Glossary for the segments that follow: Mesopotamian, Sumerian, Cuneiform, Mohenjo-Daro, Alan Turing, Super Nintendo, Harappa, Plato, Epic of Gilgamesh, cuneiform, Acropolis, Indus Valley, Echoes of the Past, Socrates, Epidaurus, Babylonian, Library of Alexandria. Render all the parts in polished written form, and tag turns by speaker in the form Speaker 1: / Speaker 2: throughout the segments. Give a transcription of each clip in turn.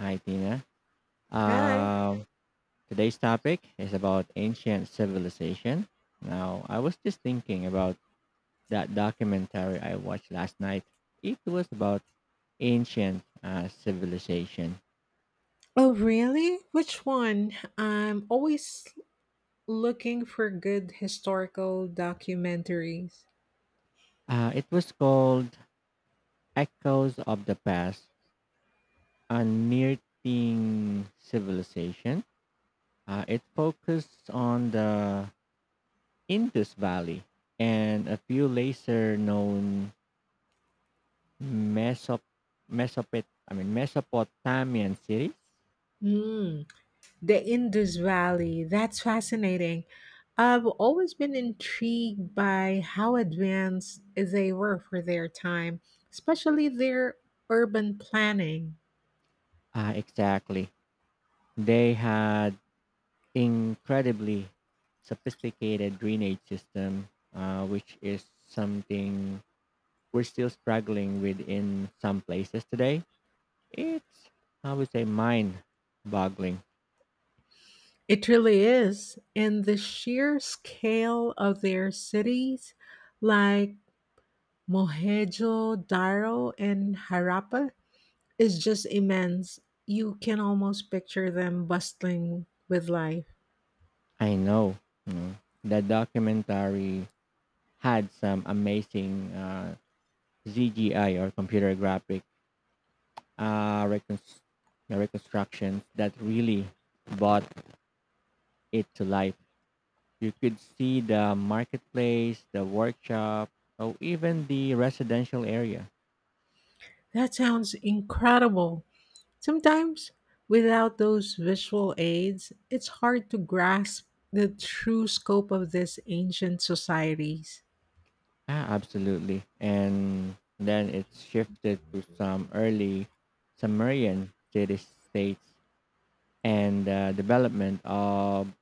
Speaker 1: Hi, Tina.
Speaker 2: Hi.
Speaker 1: Um, today's topic is about ancient civilization. Now, I was just thinking about that documentary I watched last night. It was about ancient civilization.
Speaker 2: Oh, really? Which one? I'm always looking for good historical documentaries.
Speaker 1: It was called Echoes of the Past, a near-thing civilization. It focused on the Indus Valley and a few lesser known Mesop Mesopotamian cities?
Speaker 2: Mm, the Indus Valley. That's fascinating. I've always been intrigued by how advanced they were for their time, especially their urban planning.
Speaker 1: Ah, exactly. They had incredibly sophisticated drainage system, which is something we're still struggling with in some places today. It's, I would say, mind-boggling.
Speaker 2: It really is. And the sheer scale of their cities, like Mohenjo-Daro and Harappa, is just immense. You can almost picture them bustling with life.
Speaker 1: I know. mm. The documentary had some amazing CGI or computer graphic uh, reconst- the reconstructions that really brought it to life. You could see the marketplace, the workshop, or even the residential area.
Speaker 2: That sounds incredible. Sometimes, without those visual aids, it's hard to grasp the true scope of these ancient societies.
Speaker 1: Ah, absolutely. And then it shifted to some early Sumerian city states and development of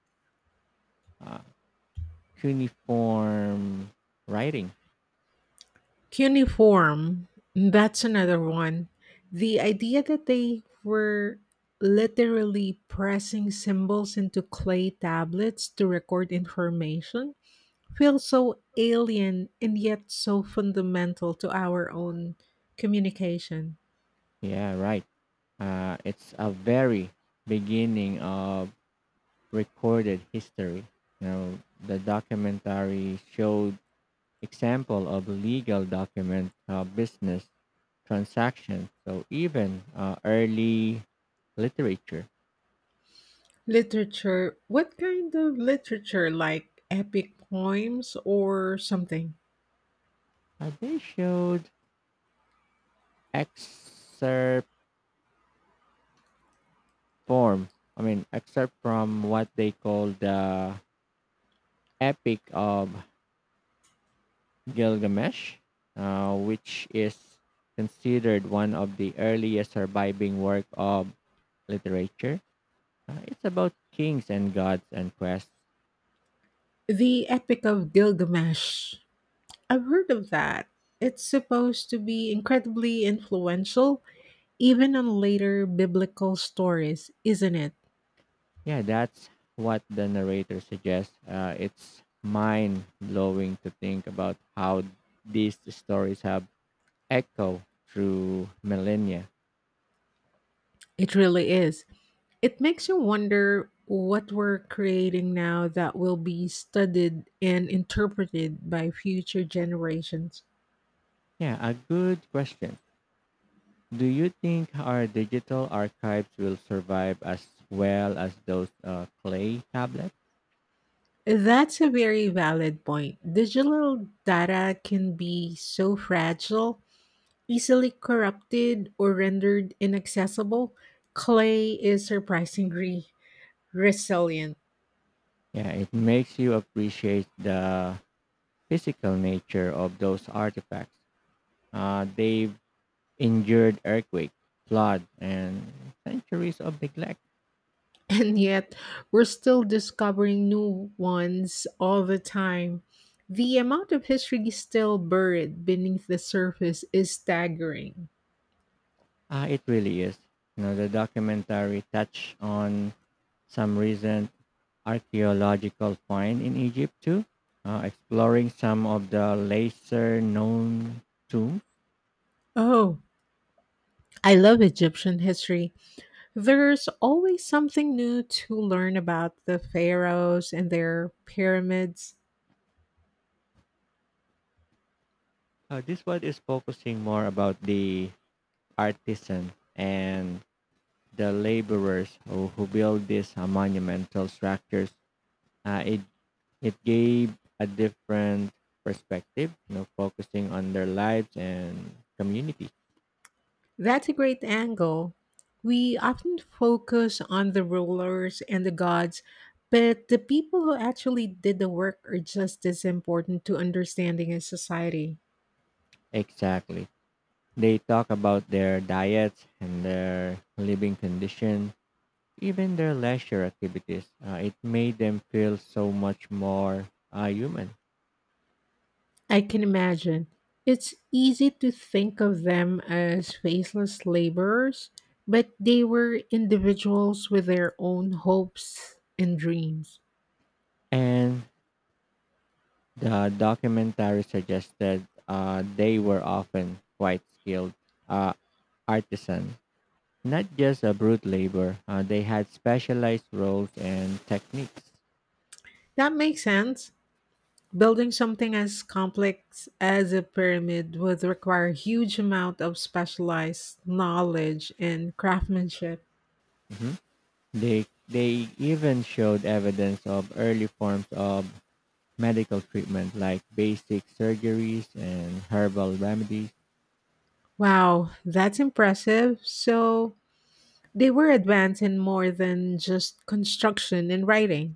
Speaker 1: uh, cuneiform writing.
Speaker 2: Cuneiform, that's another one. The idea that they were literally pressing symbols into clay tablets to record information feels so alien and yet so fundamental to our own communication.
Speaker 1: Yeah, right. It's a very beginning of recorded history. You know, the documentary showed example of legal document business transactions. So even early literature,
Speaker 2: Literature, what kind of literature, like epic poems or something?
Speaker 1: they showed excerpt form. I mean, excerpt from what they call the Epic of Gilgamesh, which is considered one of the earliest surviving work of literature. It's about kings and gods and quests.
Speaker 2: The Epic of Gilgamesh. I've heard of that. It's supposed to be incredibly influential, even on later biblical stories, isn't it?
Speaker 1: Yeah, that's what the narrator suggests. It's mind blowing to think about how these stories have echoed through millennia.
Speaker 2: It really is. It makes you wonder what we're creating now that will be studied and interpreted by future generations.
Speaker 1: Yeah, a good question. Do you think our digital archives will survive as well as those clay tablets?
Speaker 2: That's a very valid point. Digital data can be so fragile, easily corrupted, or rendered inaccessible. Clay is surprisingly resilient.
Speaker 1: Yeah, it makes you appreciate the physical nature of those artifacts. They've endured earthquake, flood, and centuries of neglect.
Speaker 2: And yet, we're still discovering new ones all the time. The amount of history still buried beneath the surface is staggering.
Speaker 1: Ah, it really is. You know, the documentary touched on some recent archaeological find in Egypt too, exploring some of the lesser known tombs.
Speaker 2: Oh, I love Egyptian history. There's always something new to learn about the pharaohs and their pyramids.
Speaker 1: This one is focusing more about the artisan and the laborers who build these monumental structures. Uh, it It gave a different perspective, you know, focusing on their lives and community.
Speaker 2: That's a great angle. We often focus on the rulers and the gods, but the people who actually did the work are just as important to understanding a society.
Speaker 1: Exactly. They talk about their diets and their living condition, even their leisure activities. It made them feel so much more human.
Speaker 2: I can imagine. It's easy to think of them as faceless laborers, but they were individuals with their own hopes and dreams.
Speaker 1: And the documentary suggested they were often quite skilled uh, artisan, not just a brute labor. They had specialized roles and techniques.
Speaker 2: That makes sense. Building something as complex as a pyramid would require a huge amount of specialized knowledge and craftsmanship.
Speaker 1: Mhm. They even showed evidence of early forms of medical treatment like basic surgeries and herbal remedies.
Speaker 2: Wow, that's impressive. So they were advanced in more than just construction and writing.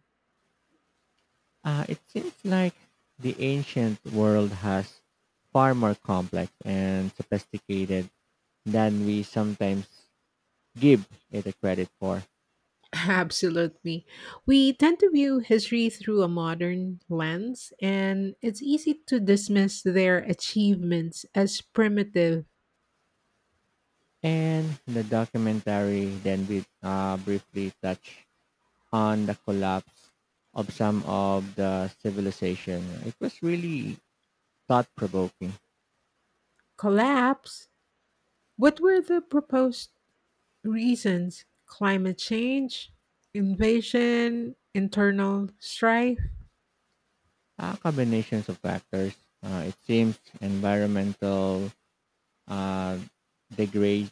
Speaker 1: It seems like the ancient world has far more complex and sophisticated than we sometimes give it a credit for.
Speaker 2: Absolutely. We tend to view history through a modern lens, and it's easy to dismiss their achievements as primitive.
Speaker 1: And the documentary then we briefly touch on the collapse of some of the civilization. It was really thought provoking.
Speaker 2: Collapse. What were the proposed reasons? Climate change, invasion, internal strife?
Speaker 1: Combinations of factors. It seems environmental uh, degrade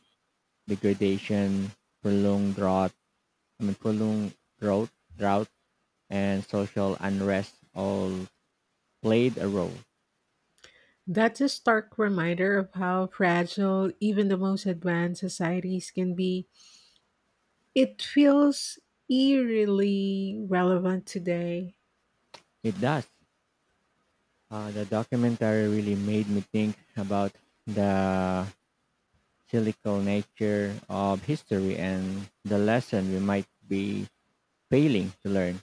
Speaker 1: degradation, prolonged drought. Prolonged drought, drought, and social unrest all played a role.
Speaker 2: That's a stark reminder of how fragile even the most advanced societies can be. It feels eerily relevant today.
Speaker 1: It does. The documentary really made me think about the cyclical nature of history and the lesson we might be failing to learn.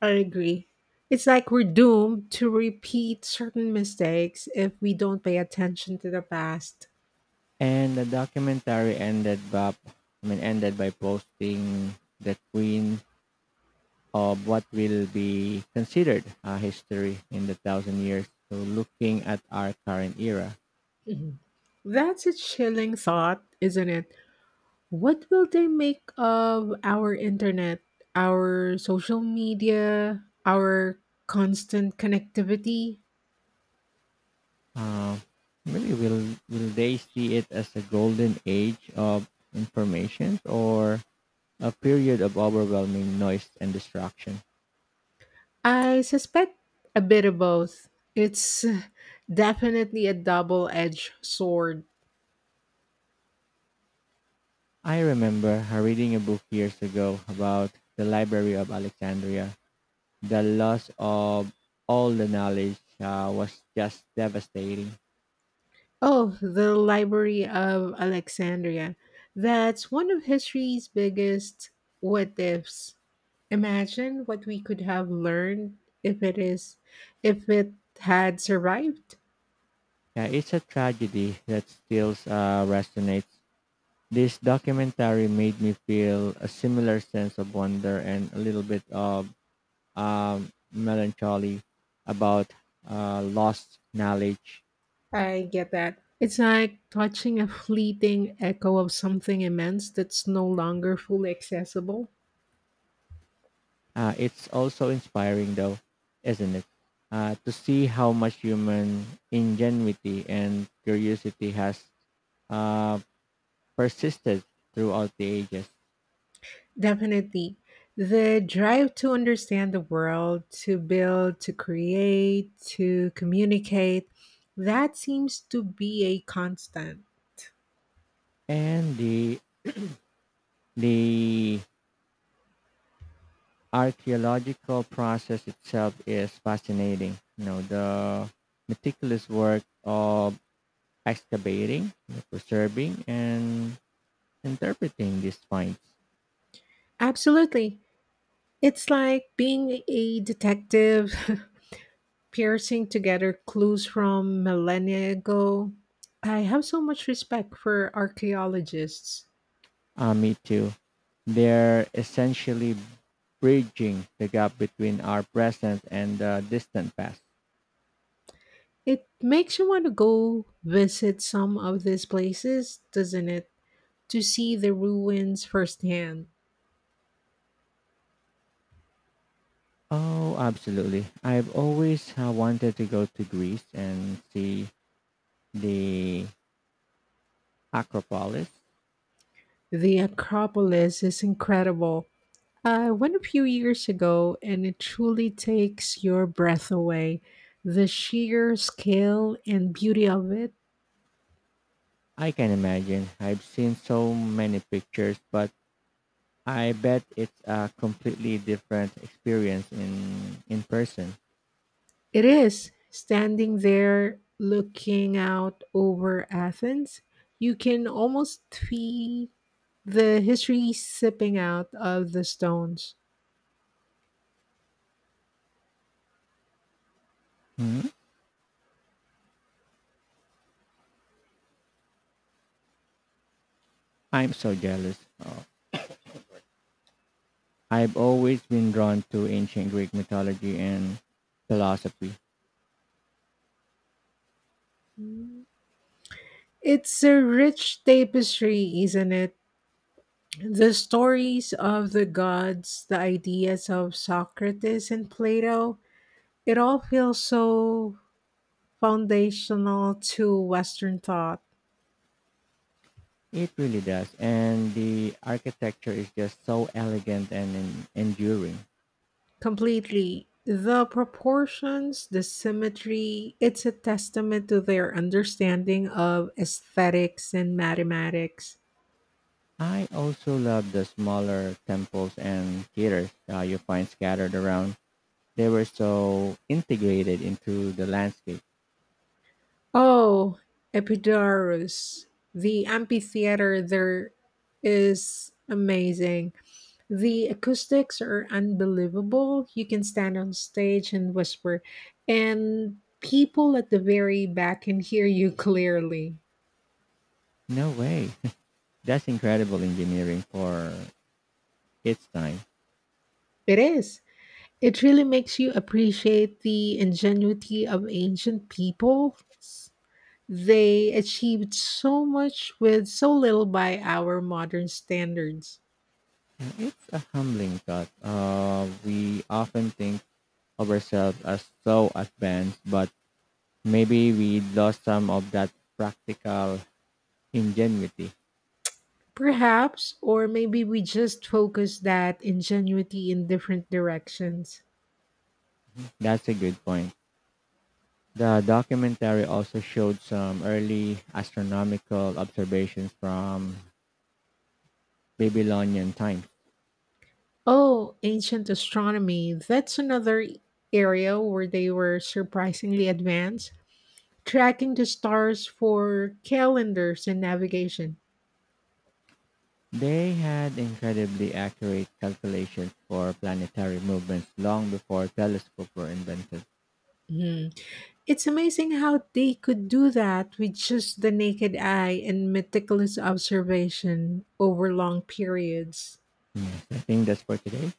Speaker 2: I agree. It's like we're doomed to repeat certain mistakes if we don't pay attention to the past.
Speaker 1: And the documentary ended by posting the queen of what will be considered a history in the thousand years. So looking at our current era,
Speaker 2: Mhm. That's a chilling thought, isn't it? What will they make of our internet, our social media, our constant connectivity?
Speaker 1: uh, maybe will they see it as a golden age of information or a period of overwhelming noise and distraction?
Speaker 2: I suspect a bit of both. It's definitely a double edged sword.
Speaker 1: I remember reading a book years ago about the Library of Alexandria the loss of all the knowledge was just devastating.
Speaker 2: Oh, the Library of Alexandria. That's one of history's biggest what ifs. Imagine what we could have learned if it is if it had survived.
Speaker 1: Yeah, it's a tragedy that still resonates. This documentary made me feel a similar sense of wonder and a little bit of melancholy about lost knowledge.
Speaker 2: I get that. It's like touching a fleeting echo of something immense that's no longer fully accessible.
Speaker 1: It's also inspiring, though, isn't it? To see how much human ingenuity and curiosity has uh, persisted throughout the ages,
Speaker 2: Definitely. The drive to understand the world, to build, to create, to communicate, that seems to be a constant.
Speaker 1: and the archaeological process itself is fascinating. You know, the meticulous work of excavating, preserving, and interpreting these finds.
Speaker 2: Absolutely. It's like being a detective, piercing together clues from millennia ago. I have so much respect for archaeologists.
Speaker 1: Me too. They're essentially bridging the gap between our present and the distant past.
Speaker 2: It makes you want to go visit some of these places, doesn't it? To see the ruins firsthand.
Speaker 1: Oh, absolutely. I've always wanted to go to Greece and see the Acropolis?
Speaker 2: The Acropolis is incredible. I went a few years ago and it truly takes your breath away. The sheer scale and beauty of it.
Speaker 1: I can imagine. I've seen so many pictures, but I bet it's a completely different experience in person.
Speaker 2: It is. Standing there looking out over Athens, you can almost feel the history sipping out of the stones.
Speaker 1: Mhm. I'm so jealous. Oh, I've always been drawn to ancient Greek mythology and philosophy.
Speaker 2: It's a rich tapestry, isn't it? The stories of the gods, the ideas of Socrates and Plato, it all feels so foundational to Western thought.
Speaker 1: It really does, and the architecture is just so elegant and enduring.
Speaker 2: Completely. The proportions, the symmetry, it's a testament to their understanding of aesthetics and mathematics.
Speaker 1: I also love the smaller temples and theaters you find scattered around. They were so integrated into the landscape.
Speaker 2: Oh, Epidaurus. The amphitheater there is amazing. The acoustics are unbelievable. You can stand on stage and whisper, and people at the very back can hear you clearly.
Speaker 1: No way. That's incredible engineering for its time.
Speaker 2: It is. It really makes you appreciate the ingenuity of ancient people. They achieved so much with so little by our modern standards.
Speaker 1: And It's a humbling thought. We often think of ourselves as so advanced, but maybe we lost some of that practical ingenuity.
Speaker 2: Perhaps, or maybe we just focus that ingenuity in different directions.
Speaker 1: That's a good point. The documentary also showed some early astronomical observations from Babylonian times.
Speaker 2: Oh, ancient astronomy. That's another area where they were surprisingly advanced, tracking the stars for calendars and navigation.
Speaker 1: They had incredibly accurate calculations for planetary movements long before telescopes were invented.
Speaker 2: Hmm. It's amazing how they could do that with just the naked eye and meticulous observation over long periods.
Speaker 1: I think that's for today.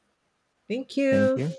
Speaker 2: Thank
Speaker 1: Thank
Speaker 2: you.
Speaker 1: you.